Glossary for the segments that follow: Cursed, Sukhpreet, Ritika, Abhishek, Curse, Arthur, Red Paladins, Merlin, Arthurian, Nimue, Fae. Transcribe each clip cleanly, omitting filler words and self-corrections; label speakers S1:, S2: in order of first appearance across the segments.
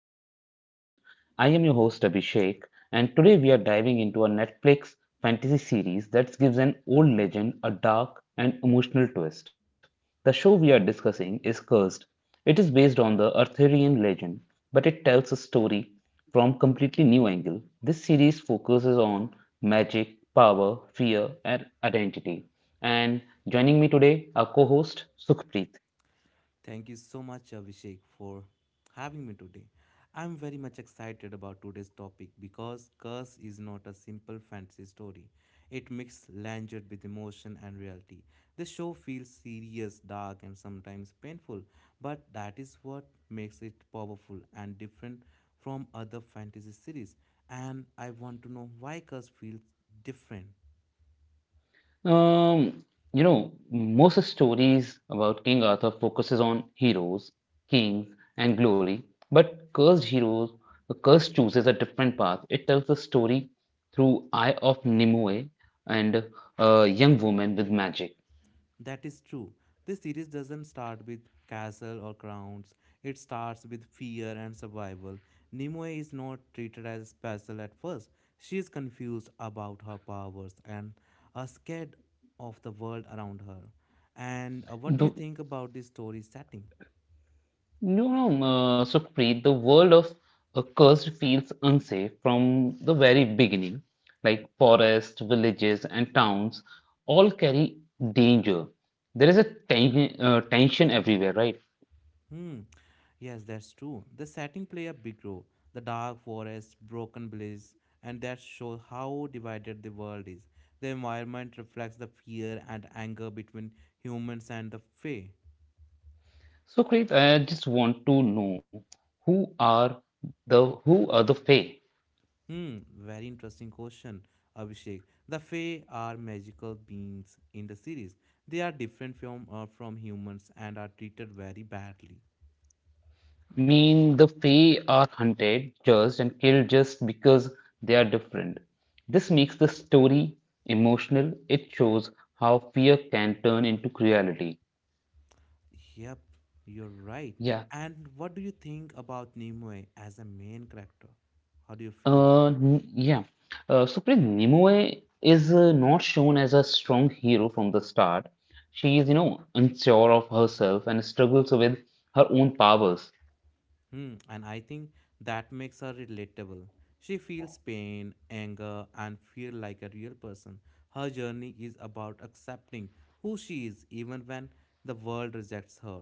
S1: to our podcast. I am your host, Abhishek, and today we are diving into a Netflix fantasy series that gives an old legend a dark and emotional twist. The show we are discussing is Cursed. It is based on the Arthurian legend, but it tells a story from completely new angle. This series focuses on magic, power, fear, and identity. And joining me today, our co-host Sukhpreet.
S2: Thank you so much, Abhishek, for having me today. I'm very much excited about today's topic because Curse is not a simple fantasy story. It mixes language with emotion and reality. The show feels serious, dark, and sometimes painful, but that is what makes it powerful and different from other fantasy series. And I want to know why Curse feels different.
S1: Um, most stories about King Arthur focuses on heroes, kings, and glory, but Cursed Heroes, the cursed chooses a different path. It tells the story through Eye of Nimue and a young woman with magic.
S2: That is true. This series doesn't start with castle or crowns. It starts with fear and survival. Nimue is not treated as special at first. She is confused about her powers and are scared of the world around her. And what do you
S1: The
S2: think about this story setting?
S1: Sukhpreet, the world of cursed feels unsafe from the very beginning. Like forests, villages, and towns all carry danger. There is a tension everywhere, right?
S2: Hmm. Yes, that's true. The setting play a big role. The dark forest, broken bliss, and that shows how divided the world is. The environment reflects the fear and anger between humans and the Fae.
S1: Sukhpreet, I just want to know who are who are the Fae?
S2: Hmm, very interesting question, Abhishek. The Fae are magical beings in the series. They are different from from humans and are treated very badly.
S1: Mean the Fae are hunted, judged, and killed just because they are different. This makes the story emotional. It shows how fear can turn into cruelty.
S2: Yep, you're right.
S1: Yeah.
S2: And what do you think about Nimue as a main character? How do you feel?
S1: Yeah. Supreet, Nimue is not shown as a strong hero from the start. She is, unsure of herself and struggles with her own powers.
S2: Hmm, and I think that makes her relatable. She feels pain, anger, and fear like a real person. Her journey is about accepting who she is even when the world rejects her.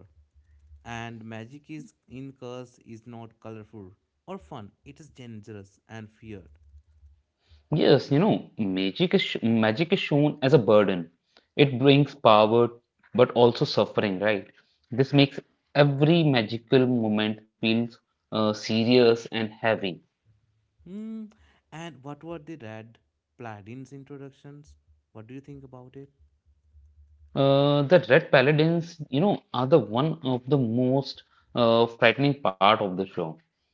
S2: And magic is in curse is not colorful or fun, it is dangerous and feared.
S1: Yes, you know, magic is shown as a burden. It brings power, but also suffering, right? This makes every magical moment feels serious and heavy.
S2: Hmm. And what were the red Platin's introductions? What do you think about it?
S1: The Red Paladins, you know, are the one of the most frightening part of the show.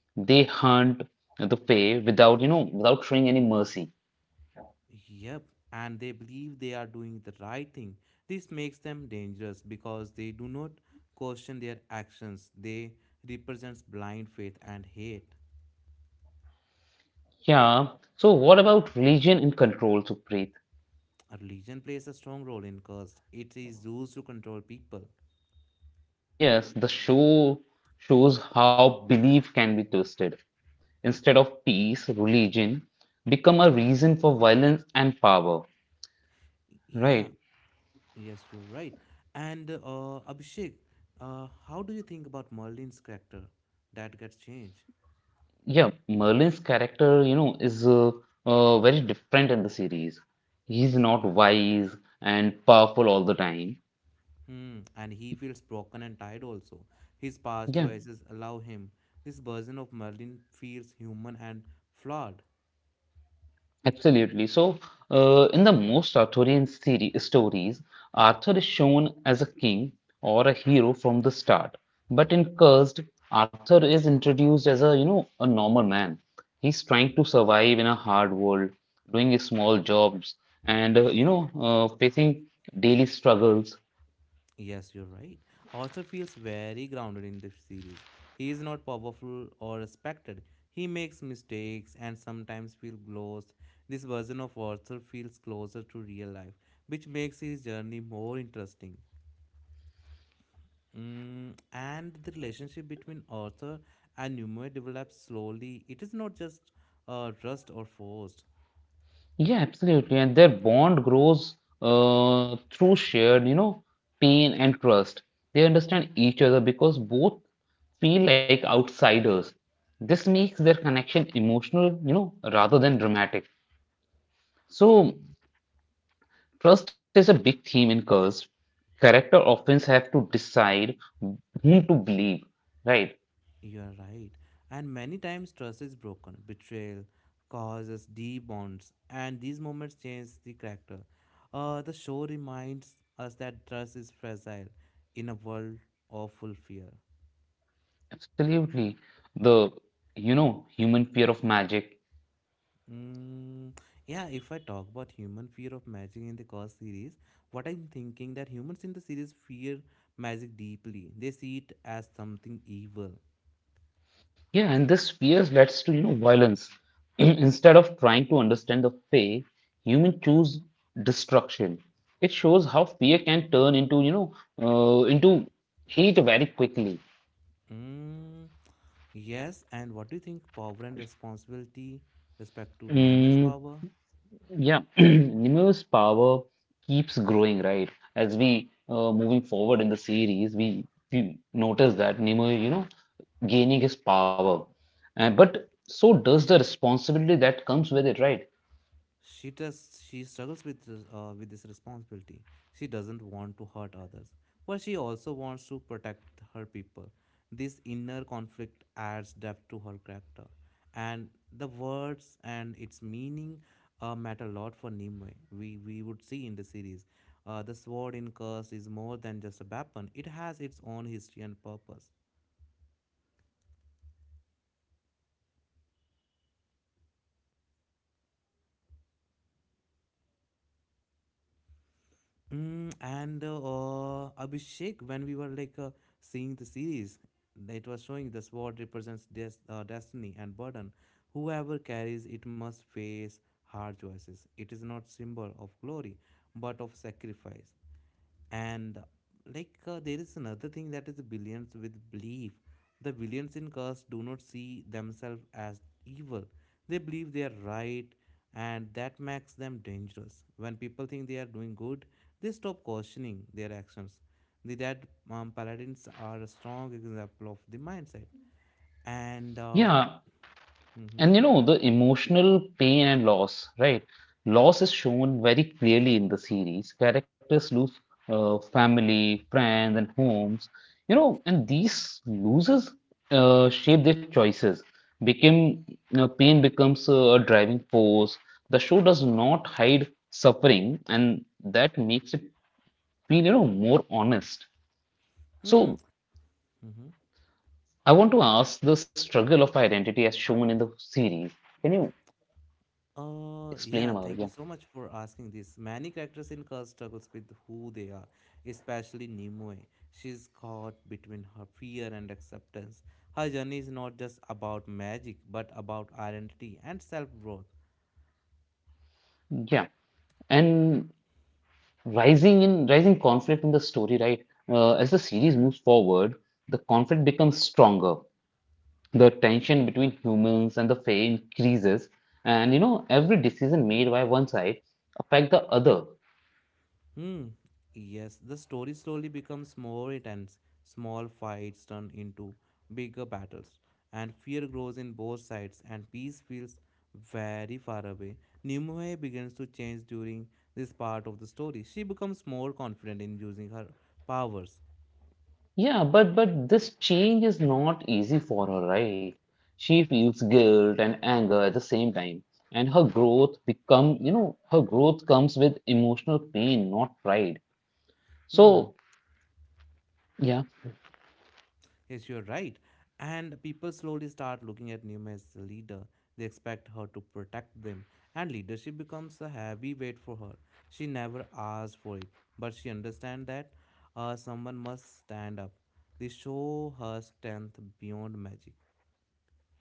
S1: They hunt the Fae without, you know, without showing any mercy.
S2: Yep, and they believe they are doing the right thing. This makes them dangerous because they do not question their actions. They represents blind faith and hate.
S1: Yeah. So, what about religion and control, Supreet?
S2: A religion plays a strong role in caste. It is used to control people.
S1: Yes, the show shows how belief can be twisted. Instead of peace, religion become a reason for violence and power,
S2: Yeah,
S1: right?
S2: yes, you're right. And Abhishek, how do you think about Merlin's character that gets changed?
S1: Yeah, Merlin's character, you know, is very different in the series. He's not wise and powerful all the time.
S2: Hmm, and he feels broken and tired also. His past
S1: Yeah.
S2: choices allow him. This version of Merlin feels human and flawed.
S1: Absolutely. So, in the most stories, Arthur is shown as a king or a hero from the start. But in Cursed, Arthur is introduced as a normal man. He's trying to survive in a hard world, doing his small jobs and, facing daily struggles.
S2: Yes, you're right. Arthur feels very grounded in this series. He is not powerful or respected. He makes mistakes and sometimes feels lost. This version of Arthur feels closer to real life, which makes his journey more interesting. Mm, and the relationship between author and humor develops slowly. It is not just trust or forced.
S1: Yeah, absolutely. And their bond grows through shared pain and trust. They understand each other because both feel like outsiders. This makes their connection emotional, rather than dramatic. So, trust is a big theme in Cursed. Character often have to decide whom to believe, right?
S2: You are right. And many times trust is broken. Betrayal causes deep bonds, and these moments change the character. The show reminds us that trust is fragile in a world of full fear.
S1: Absolutely. The human fear of magic.
S2: Mm, yeah, if I talk about human fear of magic in the Curse series, what I'm thinking that humans in the series fear magic deeply. They see it as something evil.
S1: Yeah, and this fear leads to you know violence. Instead of trying to understand the fake, human choose destruction. It shows how fear can turn into into hate very quickly.
S2: Mm, yes, and what do you think? Power and responsibility, respect to Neymar's
S1: Mm,
S2: power.
S1: yeah, Nemo's power keeps growing, right? As we moving forward in the series, we notice that Nemo, gaining his power, and but so does the responsibility that comes with it, right?
S2: She does. She struggles with with this responsibility. She doesn't want to hurt others, but she also wants to protect her people. This inner conflict adds depth to her character, and the words and its meaning matter a lot for Nimue. We would see in the series, the sword in Curse is more than just a weapon. It has its own history and purpose. Mm, and Abhishek, when we were seeing the series, it was showing the sword represents destiny and burden. Whoever carries it must face hard choices. It is not symbol of glory, but of sacrifice and there is another thing that is billions with belief. The billions in cars do not see themselves as evil. They believe they are right, and that makes them dangerous. When people think they are doing good, they stop questioning their actions. The that um, paladins are a strong example of the mindset. And
S1: Yeah.
S2: mhm.
S1: And you know, the emotional pain and loss, right? Loss is shown very clearly in the series. Characters lose family, friends, and homes, and these losses shape their choices. Became you know, pain becomes a driving force. The show does not hide suffering, and that makes it feel, more honest.
S2: Mm.
S1: So
S2: Mhm.
S1: I want to ask the struggle of identity as shown in the series. Can you explain
S2: Yeah,
S1: about
S2: thank
S1: it?
S2: you
S1: Yeah.
S2: so much for asking this. Many characters in Curse struggles with who they are, especially Nimue. She's caught between her fear and acceptance. Her journey is not just about magic, but about identity and self-growth.
S1: Yeah. And rising conflict in the story, right? As the series moves forward, the conflict becomes stronger. The tension between humans and the fae increases, and you know every decision made by one side affect the other.
S2: Hmm. Yes, the story slowly becomes more intense. Small fights turn into bigger battles, and fear grows in both sides, and peace feels very far away. Nimue begins to change during this part of the story. She becomes more confident in using her powers.
S1: Yeah, but this change is not easy for her, right? She feels guilt and anger at the same time, and her growth become you know her growth comes with emotional pain, not pride.
S2: Hmm.
S1: So yeah.
S2: Yes, you're right. And people slowly start looking at Nima as the leader. They expect her to protect them, and leadership becomes a heavy weight for her. She never asks for it, but she understands that someone must stand up. They show her strength beyond magic.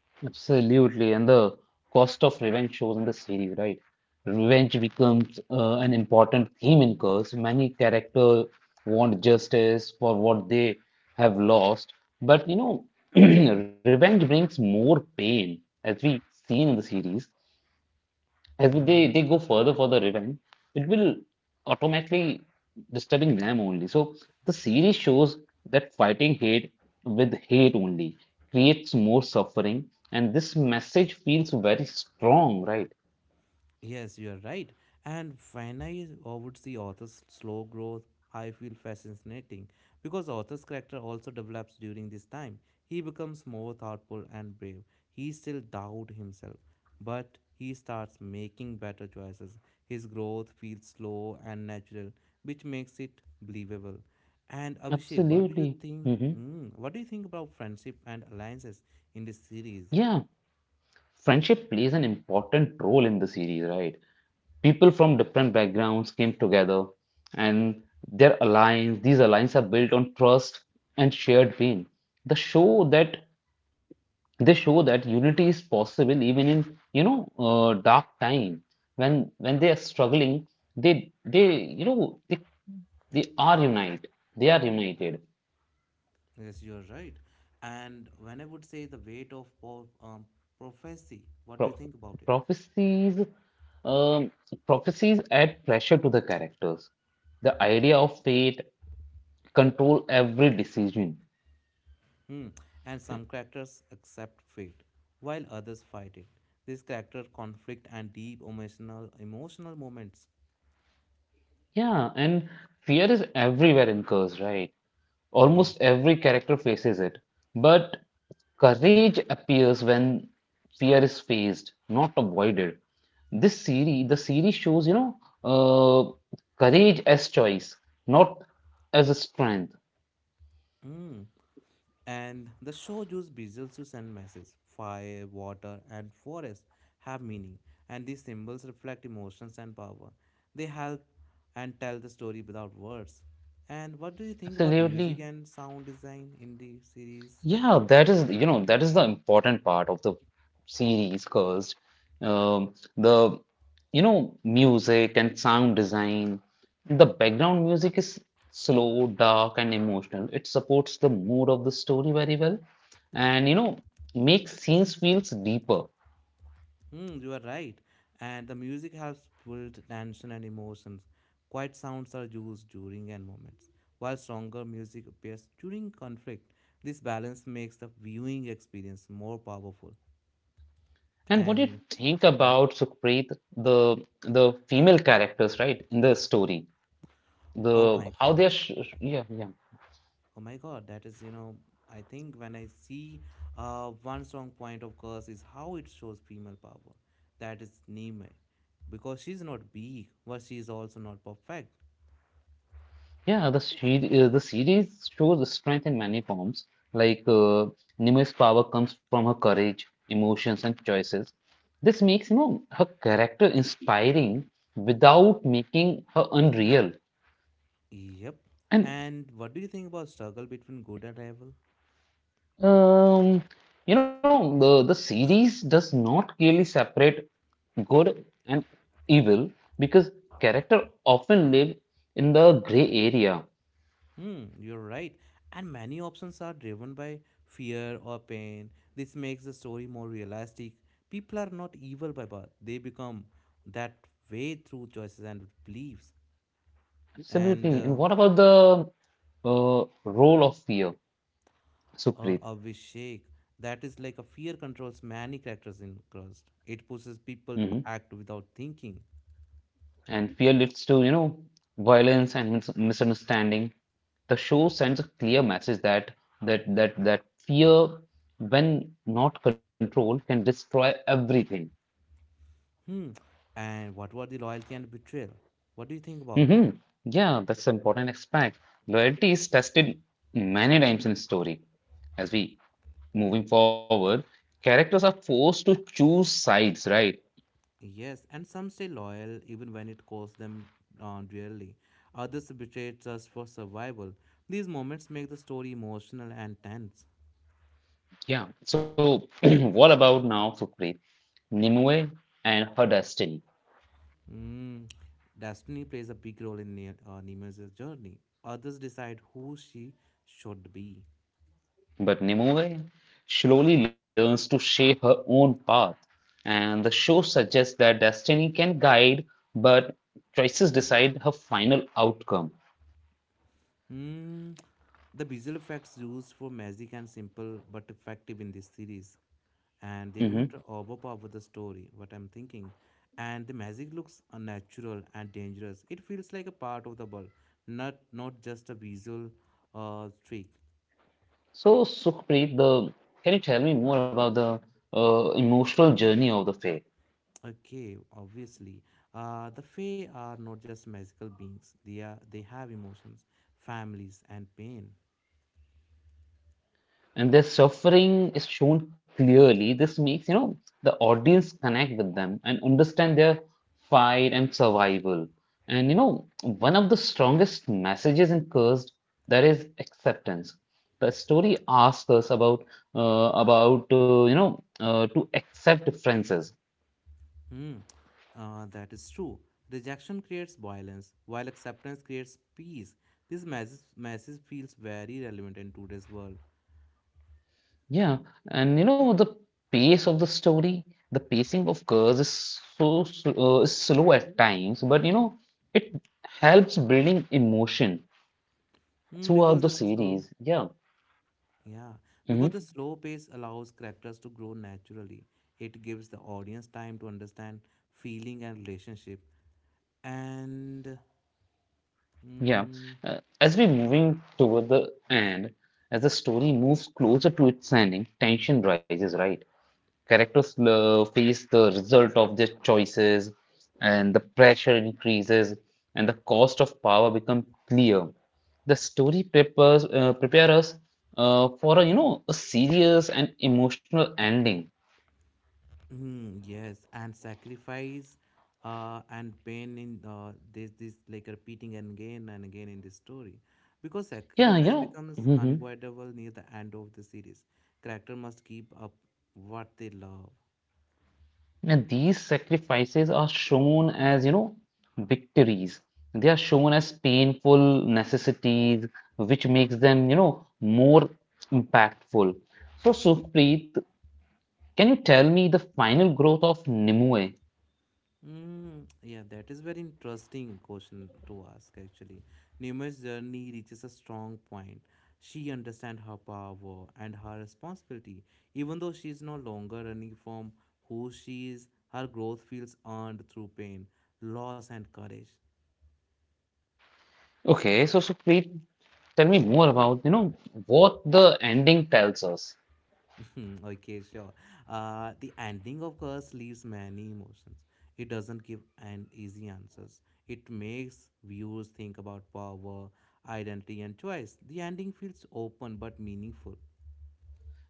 S1: Absolutely, and the cost of revenge shows in the series, right? Revenge becomes an important theme in Curse. Many characters want justice for what they have lost, but you know, revenge brings more pain, as we seen in the series if
S2: Mm.
S1: they go further for the revenge, it will automatically disturbing them only. So the series shows that fighting hate with hate only creates more suffering, and this message feels very strong, right?
S2: Yes, you are right. And when I overwood the author's slow growth, I feel fascinating because author's character also develops during this time. He becomes more thoughtful and brave. He still doubt himself, but he starts making better choices. His growth feels slow and natural, which makes it believable. And Abhishek, what do you
S1: Absolutely.
S2: think?
S1: Hmm.
S2: Hmm, what do you think about friendship and alliances in this series?
S1: Yeah, friendship plays an important role in the series, right? People from different backgrounds came together, and these alliances are built on trust and shared pain. The show that They show that unity is possible even in dark time when they are struggling. They they you know they they are unite. They are united.
S2: Yes, you're right. And when I would say the weight of prophecy,
S1: Pro
S2: what do you think about it?
S1: prophecies um, prophecies add pressure to the characters. The idea of fate control every decision.
S2: Hmm. And some characters accept fate, while others fight it. This character conflict and deep emotional moments.
S1: Yeah, and fear is everywhere in curse, right?
S2: Yes.
S1: Almost every character faces it, but courage appears when fear is faced, not avoided. The series shows, uh, courage as choice, not as a strength.
S2: Hmm. And the shoujo's visuals to send messages fire, water, and forest have meaning, and these symbols reflect emotions and power. They help and tell the story without words. And what do you think about music
S1: Absolutely.
S2: and sound design in the series?
S1: Yeah, that is, you know, that is the important part of the series, because um, the, music and sound design, the background music is slow, dark, and emotional. It supports the mood of the story very well, and makes scenes feels deeper.
S2: Hmm, you are right. And the music helps build tension and emotions. Quiet sounds are used during end moments, while stronger music appears during conflict. This balance makes the viewing experience more powerful.
S1: And what do you
S2: And
S1: think
S2: mm.
S1: about Sukhpreet, the the female characters, right, in the story?
S2: Oh
S1: The
S2: my
S1: how they are,
S2: God.
S1: sh sh- yeah, yeah.
S2: Oh my God. That is, you know, I think when I see one strong point of Curse is how it shows female power. That is Nime. Because she's not big, but she is also not perfect.
S1: Yeah, the series shows the strength in many forms. Like Nimue's power comes from her courage, emotions, and choices. This makes you know her character inspiring without making her unreal.
S2: Yep.
S1: And
S2: And what do you think about struggle between good and evil?
S1: um, the series does not clearly separate good and evil because character often live in the gray area.
S2: Hmm, you're right. And many options are driven by fear or pain. This makes the story more realistic. People are not evil by birth, they become that way through choices and beliefs. And
S1: Absolutely. And what about the role of fear? Supreet.
S2: Abhishek. That is like a fear controls many characters in Crust. It pushes people to
S1: Hmm.
S2: act without thinking.
S1: And fear leads to, violence and misunderstanding. The show sends a clear message that that that that fear, when not controlled, can destroy everything.
S2: Hmm. And what were the loyalty and betrayal? What do you think about?
S1: Hmm. Yeah, that's an important aspect. Loyalty is tested many times in story. As we moving forward, characters are forced to choose sides, right?
S2: Yes, and some stay loyal even when it costs them dearly. Others betray trust for survival. These moments make the story emotional and tense.
S1: Yeah. So what about now, Supreet? Nimue and her destiny.
S2: Mm. Destiny plays a big role in Nemesis' journey. Others decide who she should be.
S1: But Nimue slowly learns to shape her own path, and the show suggests that destiny can guide, but choices decide her final outcome.
S2: Hmm. The visual effects used for magic and simple but effective in this series, and they do not
S1: Hmm.
S2: overpower the story, what I'm thinking. And the magic looks unnatural and dangerous. It feels like a part of the world, not not just a visual trick.
S1: So, Sukhpreet, the can you tell me more about the emotional journey of the faith?
S2: Okay, obviously, the Fae are not just magical beings. They are they have emotions, families, and pain.
S1: And their suffering is shown clearly. This makes, the audience connect with them and understand their fight and survival. And, one of the strongest messages in Cursed that is acceptance. The story asks us about to accept differences.
S2: Hmm, that is true. Rejection creates violence, while acceptance creates peace. This message feels very relevant in today's world.
S1: Yeah, and the pace of the story, the pacing of Curse is so slow at times, but you know it helps building emotion
S2: Hmm,
S1: throughout
S2: because
S1: the
S2: the slow,
S1: series. Yeah.
S2: yeah, because
S1: Hmm.
S2: the slow pace allows characters to grow naturally. It gives the audience time to understand feeling and relationship. And
S1: Yeah.
S2: mm,
S1: As we're moving toward the end, as the story moves closer to its ending, tension rises, right? Characters face the result of their choices, and the pressure increases, and the cost of power become clear. The story prepare us for a a serious and emotional ending.
S2: Mm, yes, and sacrifice and pain in this like repeating again and again in this story, because
S1: Yeah, you
S2: sacrifice becomes
S1: know.
S2: unavoidable near the end of the series. Character must keep up what they love.
S1: And these sacrifices are shown as, victories. They are shown as painful necessities, which makes them, more impactful. So, Supreet, can you tell me the final growth of Nimue?
S2: Mm, yeah, that is very interesting question to ask actually. Nima's journey reaches a strong point. She understands her power and her responsibility. Even though she is no longer running from who she is, her growth feels earned through pain, loss, and courage.
S1: Okay, so Supreet, tell me more about, what the ending tells us.
S2: Okay, sure. The ending, of course, leaves many emotions. It doesn't give an easy answers. It makes viewers think about power, identity, and choice. The ending feels open but meaningful.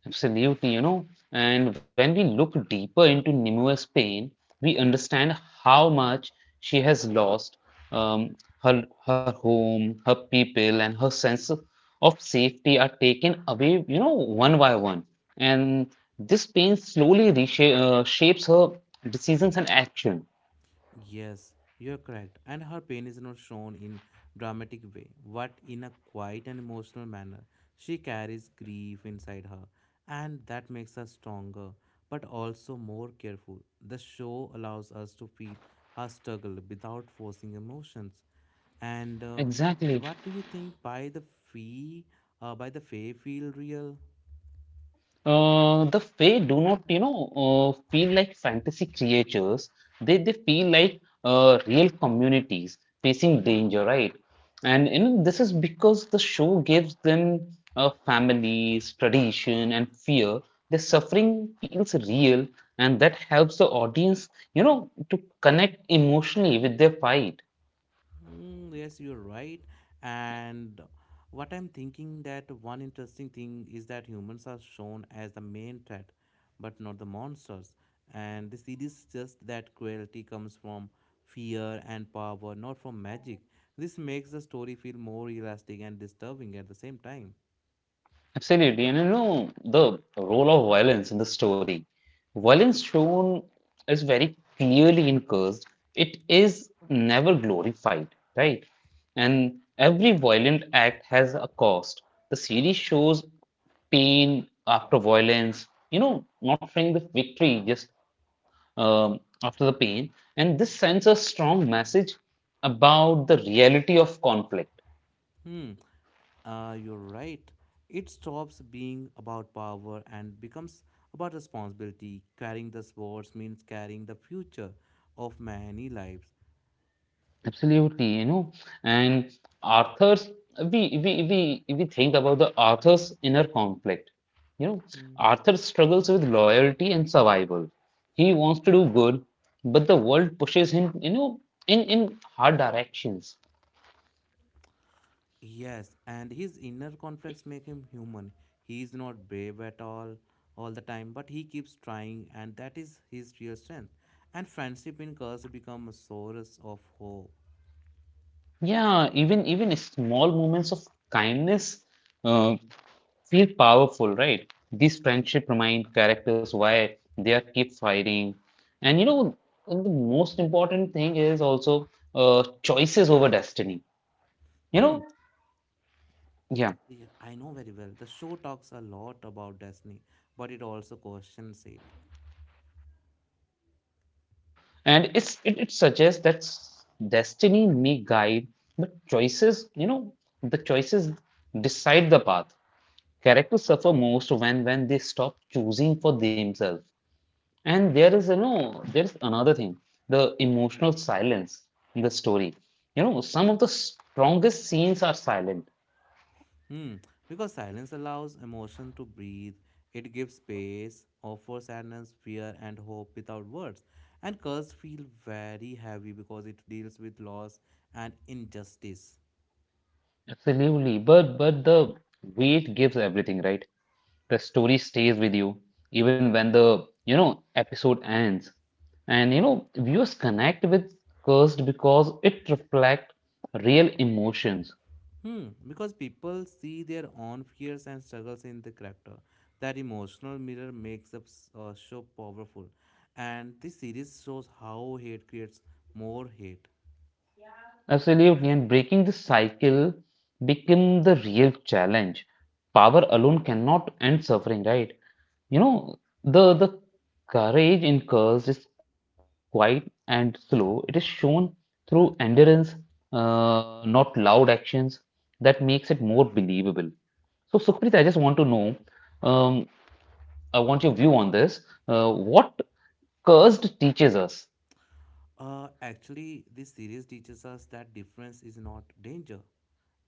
S1: Absolutely, you know, and when we look deeper into Nimue's pain, we understand how much she has lost um, her home, her people, and her sense of safety are taken away, you know, one by one. And this pain slowly shapes her decisions and action.
S2: Yes, you're correct. And her pain is not shown in dramatic way, but in a quiet and emotional manner. She carries grief inside her, and that makes her stronger, but also more careful. The show allows us to feel her struggle without forcing emotions. And
S1: Exactly.
S2: what do you think? Fee, by the fee, feel real?
S1: The Fae do not, feel like fantasy creatures. They feel like real communities facing danger, right? And you know, this is because the show gives them families, tradition, and fear. Their suffering feels real, and that helps the audience, to connect emotionally with their fight.
S2: Mm, yes, you're right. And what I'm thinking that one interesting thing is that humans are shown as the main threat, but not the monsters. And the series just that cruelty comes from fear and power, not from magic. This makes the story feel more realistic and disturbing at the same time.
S1: Absolutely. And you know, the role of violence in the story. Violence shown is very clearly encouraged. It is never glorified, right? And every violent act has a cost. The series shows pain after violence, not showing the victory just after the pain. And this sends a strong message about the reality of conflict.
S2: Hmm. You're right. It stops being about power and becomes about responsibility. Carrying the swords means carrying the future of many lives.
S1: Absolutely, you know, and Arthur's we we think about the Arthur's inner conflict. You know,
S2: Mm.
S1: Arthur struggles with loyalty and survival. He wants to do good, but the world pushes him, in hard directions.
S2: Yes, and his inner conflicts make him human. He is not brave at all the time, but he keeps trying, and that is his real strength. And friendship in Curse become a source of hope.
S1: Yeah, even small moments of kindness uh, feel powerful, right? These friendship remind characters why they are keep fighting. And the most important thing is also choices over destiny. You know,
S2: Hmm.
S1: yeah.
S2: Yeah, I know very well. The show talks a lot about destiny, but it also questions it.
S1: And it suggests that destiny may guide, but choices, the choices decide the path. Characters suffer most when they stop choosing for themselves. And there is, there's another thing, the emotional silence in the story. You know, some of the strongest scenes are silent,
S2: Hmm, because silence allows emotion to breathe. It gives space, offers sadness, fear, and hope without words. And curse feel very heavy because it deals with loss and injustice.
S1: absolutely, but the weight gives everything, right? The story stays with you even when the episode ends. And viewers connect with Cursed because it reflects real emotions.
S2: Hmm, because people see their own fears and struggles in the character. That emotional mirror makes the show powerful. And this series shows how hate creates more hate.
S1: Absolutely, and breaking this cycle become the real challenge. Power alone cannot end suffering, right? You know, the courage in curves is quiet and slow. It is shown through endurance, not loud actions. That makes it more believable. So, Sukhpreet, I just want to know, um, I want your view on this. What cursed teaches us?
S2: Actually, this series teaches us that difference is not danger,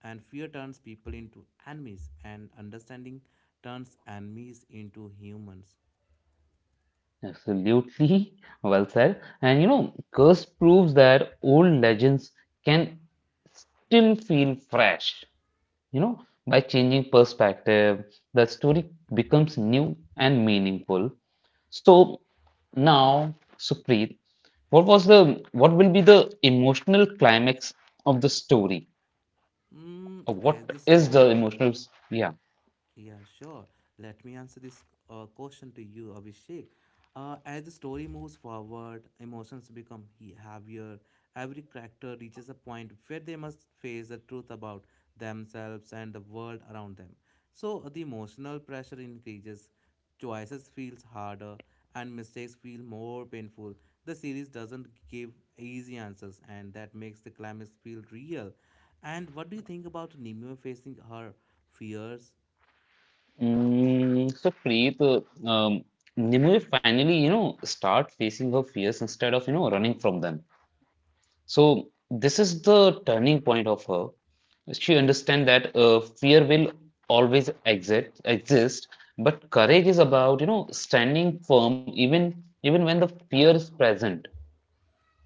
S2: and fear turns people into enemies, and understanding turns enemies into humans.
S1: Absolutely, well said. And you know, Curse proves that old legends can still feel fresh. You know, by changing perspective, the story becomes new and meaningful. So now, Supreet, what will be the emotional climax of the story?
S2: Mm,
S1: Or
S2: as
S1: what
S2: the
S1: is the
S2: story,
S1: emotional? Yeah.
S2: yeah, sure. Let me answer this question to you, Abhishek. As the story moves forward, emotions become heavier. Every character reaches a point where they must face the truth about themselves and the world around them. So the emotional pressure increases, choices feels harder, and mistakes feel more painful. The series doesn't give easy answers, and that makes the climax feel real. And what do you think about Nimue facing her fears?
S1: Mm, so Preet, Nimue finally, start facing her fears instead of, running from them. So this is the turning point of her. She understands that fear will always exist, but courage is about, standing firm even when the fear is present.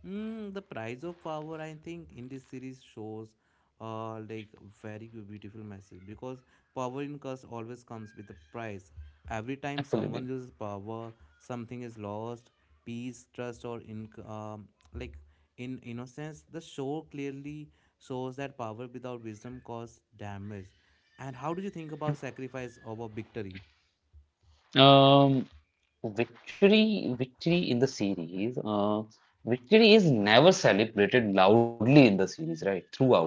S2: Mm, the price of power, I think, in this series shows like beautiful message because power in curse always comes with a price. Every time someone
S1: Absolutely.
S2: loses power, something is lost, peace, trust, or in like in innocence. The show clearly shows that power without wisdom causes damage. And how do you think about sacrifice over victory?
S1: Um, victory in the series. Victory is never celebrated loudly in the series, right? Throughout.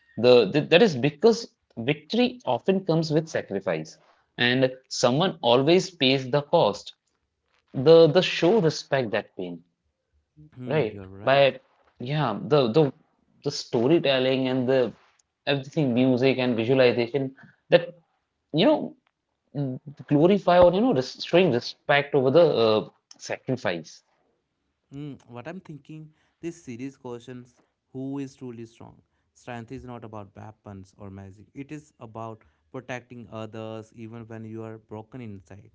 S1: The that is because victory often comes with sacrifice, and someone always pays the cost. The show respect that pain,
S2: Hmm,
S1: right?
S2: you're right.
S1: By yeah, the storytelling and the everything, music and visualization that you know glorify or showing respect over the sacrifice.
S2: Mm, what I'm thinking, this series questions who is truly strong. Strength is not about weapons or magic. It is about protecting others even when you are broken inside.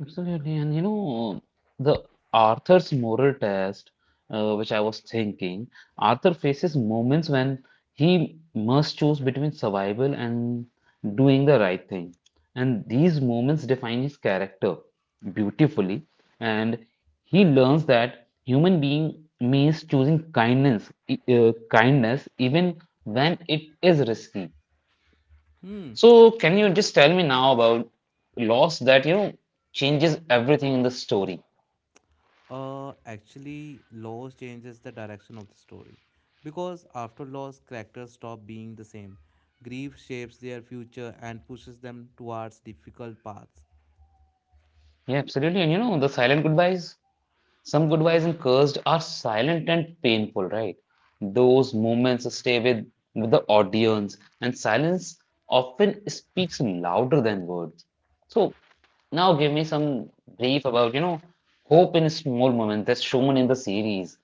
S1: Absolutely. And you know, the Arthur's moral test, which I was thinking, Arthur faces moments when he must choose between survival and doing the right thing. And these moments define his character beautifully. And he learns that human being means choosing kindness, kindness even when it is risky.
S2: Hmm.
S1: So can you just tell me now about loss that, changes everything in the story?
S2: Actually, loss changes the direction of the story. Because after loss, characters stop being the same. Grief shapes their future and pushes them towards difficult paths.
S1: Yeah, absolutely. And you know, the silent goodbyes, some goodbyes in
S2: Hmm.
S1: Cursed are silent and painful, right? Those moments stay with the audience, and silence often speaks louder than words. So now give me some brief about, hope in small moments that's shown in the series.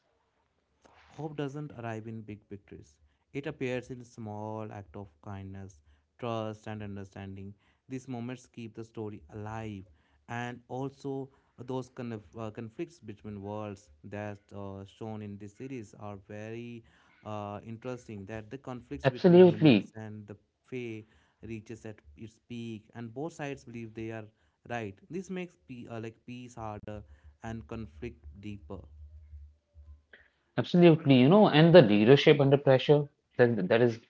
S2: Hope doesn't arrive in big victories. It appears in small acts of kindness, trust, and understanding. These moments keep the story alive, and also those conflicts between worlds that shown in this series are very interesting. That the conflicts between
S1: Absolutely.
S2: humans and the Fae reaches at its peak, and both sides believe they are right. This makes like peace harder and conflict deeper.
S1: Absolutely, you know, and the leadership under pressure that that is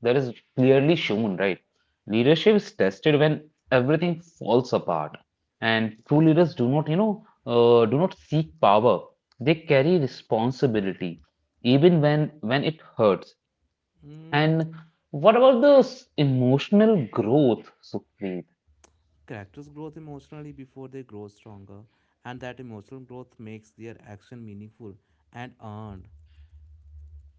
S1: that is clearly shown, right? Leadership is tested when everything falls apart, and true leaders do not, do not seek power. They carry responsibility, even when it hurts.
S2: Mm,
S1: And what about the emotional growth, Sukhpreet?
S2: characters grow emotionally before they grow stronger, and that emotional growth makes their action meaningful and earned.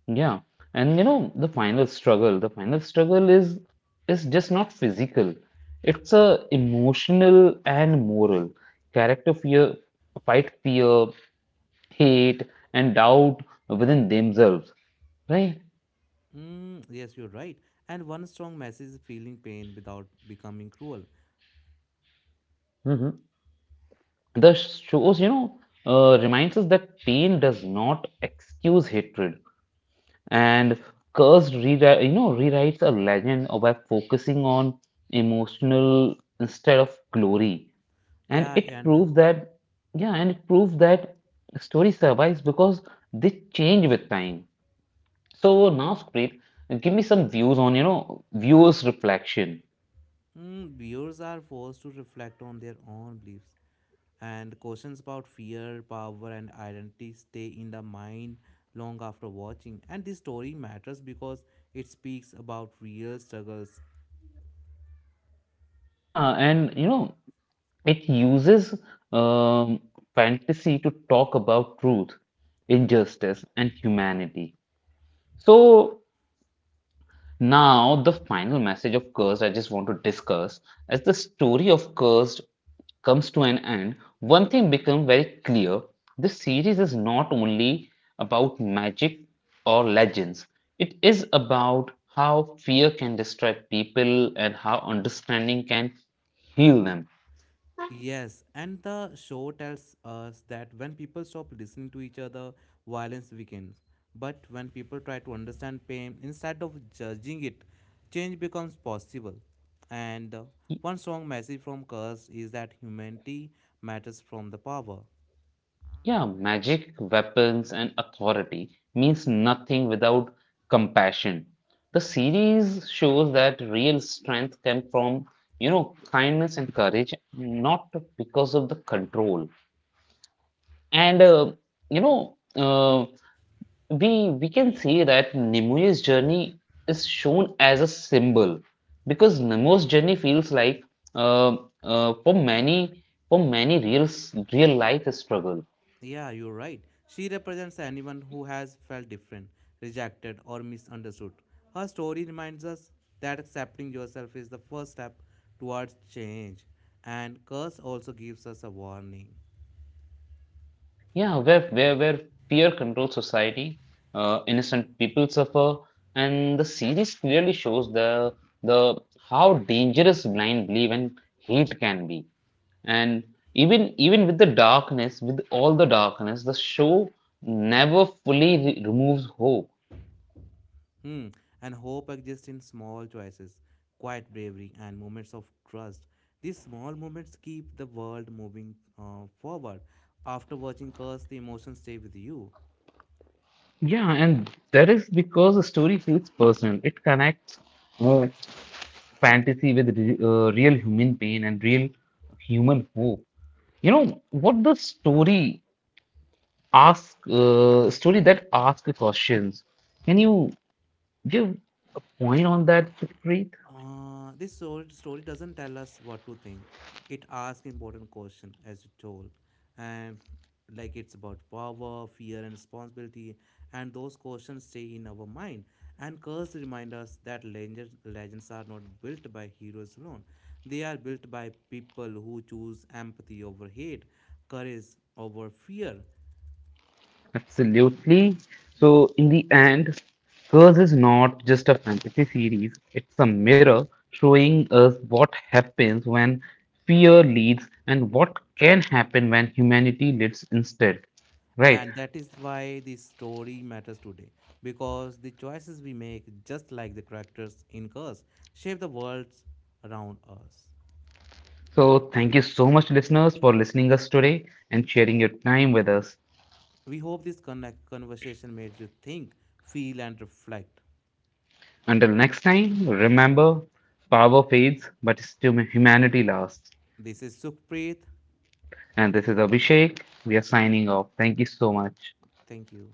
S1: Yeah, and you know the final struggle is just not physical. It's a emotional and moral. Character fear, fight fear, hate, and doubt within themselves, right?
S2: Mm, yes, you're right. And one strong message is feeling pain without becoming cruel.
S1: Hmm. The shows, reminds us that pain does not excuse hatred, and Cursed rewrite, you know, rewrites a legend by focusing on emotional instead of glory. And
S2: Yeah,
S1: it
S2: and
S1: proved that yeah and it proved that story survives because they change with time. So now, Spreet, give me some views on, viewers reflection.
S2: mm, viewers are forced to reflect on their own beliefs, and questions about fear, power, and identity stay in the mind long after watching. And this story matters because it speaks about real struggles.
S1: Yeah, and you know it uses um, fantasy to talk about truth, injustice and humanity. So now, the final message of Cursed I just want to discuss. As the story of Cursed comes to an end, one thing becomes very clear. This series is not only about magic or legends, it is about how fear can destroy people and how understanding can heal them.
S2: Yes, and the show tells us that when people stop listening to each other, violence weakens. But when people try to understand pain instead of judging it, change becomes possible. And one strong message from Curse is that humanity matters from the power.
S1: Yeah, magic, weapons, and authority means nothing without compassion. The series shows that real strength comes from, kindness and courage, not because of the control. And you know, uh, we can see that Nemu's journey is shown as a symbol because Nemo's journey feels like uh, uh, for many for many real real life struggle.
S2: Yeah, you're right. She represents anyone who has felt different, rejected, or misunderstood. Her story reminds us that accepting yourself is the first step towards change, and Curse also gives us a warning.
S1: Yeah, where fear controls society, innocent people suffer, and the series clearly shows the how dangerous blind belief and hate can be. And even with the darkness, with all the darkness, the show never fully removes hope.
S2: Hmm, and hope exists in small choices, quiet bravery, and moments of trust. These small moments keep the world moving forward. After watching Curse, the emotions stay with you.
S1: Yeah, and that is because the story feels personal. It connects uh, fantasy with re real human pain and real human hope. You know what the story ask story that ask questions. Can you give a point on that, Preet?
S2: This story doesn't tell us what to think. It asks important question as you told, and like it's about power, fear, and responsibility. And those questions stay in our mind. And curse remind us that legends are not built by heroes alone. They are built by people who choose empathy over hate, courage over fear.
S1: Absolutely. So in the end, Curse is not just a fantasy series, it's a mirror showing us what happens when fear leads and what can happen when humanity leads instead. Right.
S2: And that is why the story matters today, because the choices we make, just like the characters in Curse, shape the worlds around us.
S1: So thank you so much, listeners, for listening us today and sharing your time with us.
S2: We hope this connect conversation made you think, feel, and reflect.
S1: Until next time, remember, power fades, but humanity lasts.
S2: This is Sukhpreet.
S1: And this is Abhishek. We are signing off. Thank you so much.
S2: Thank you.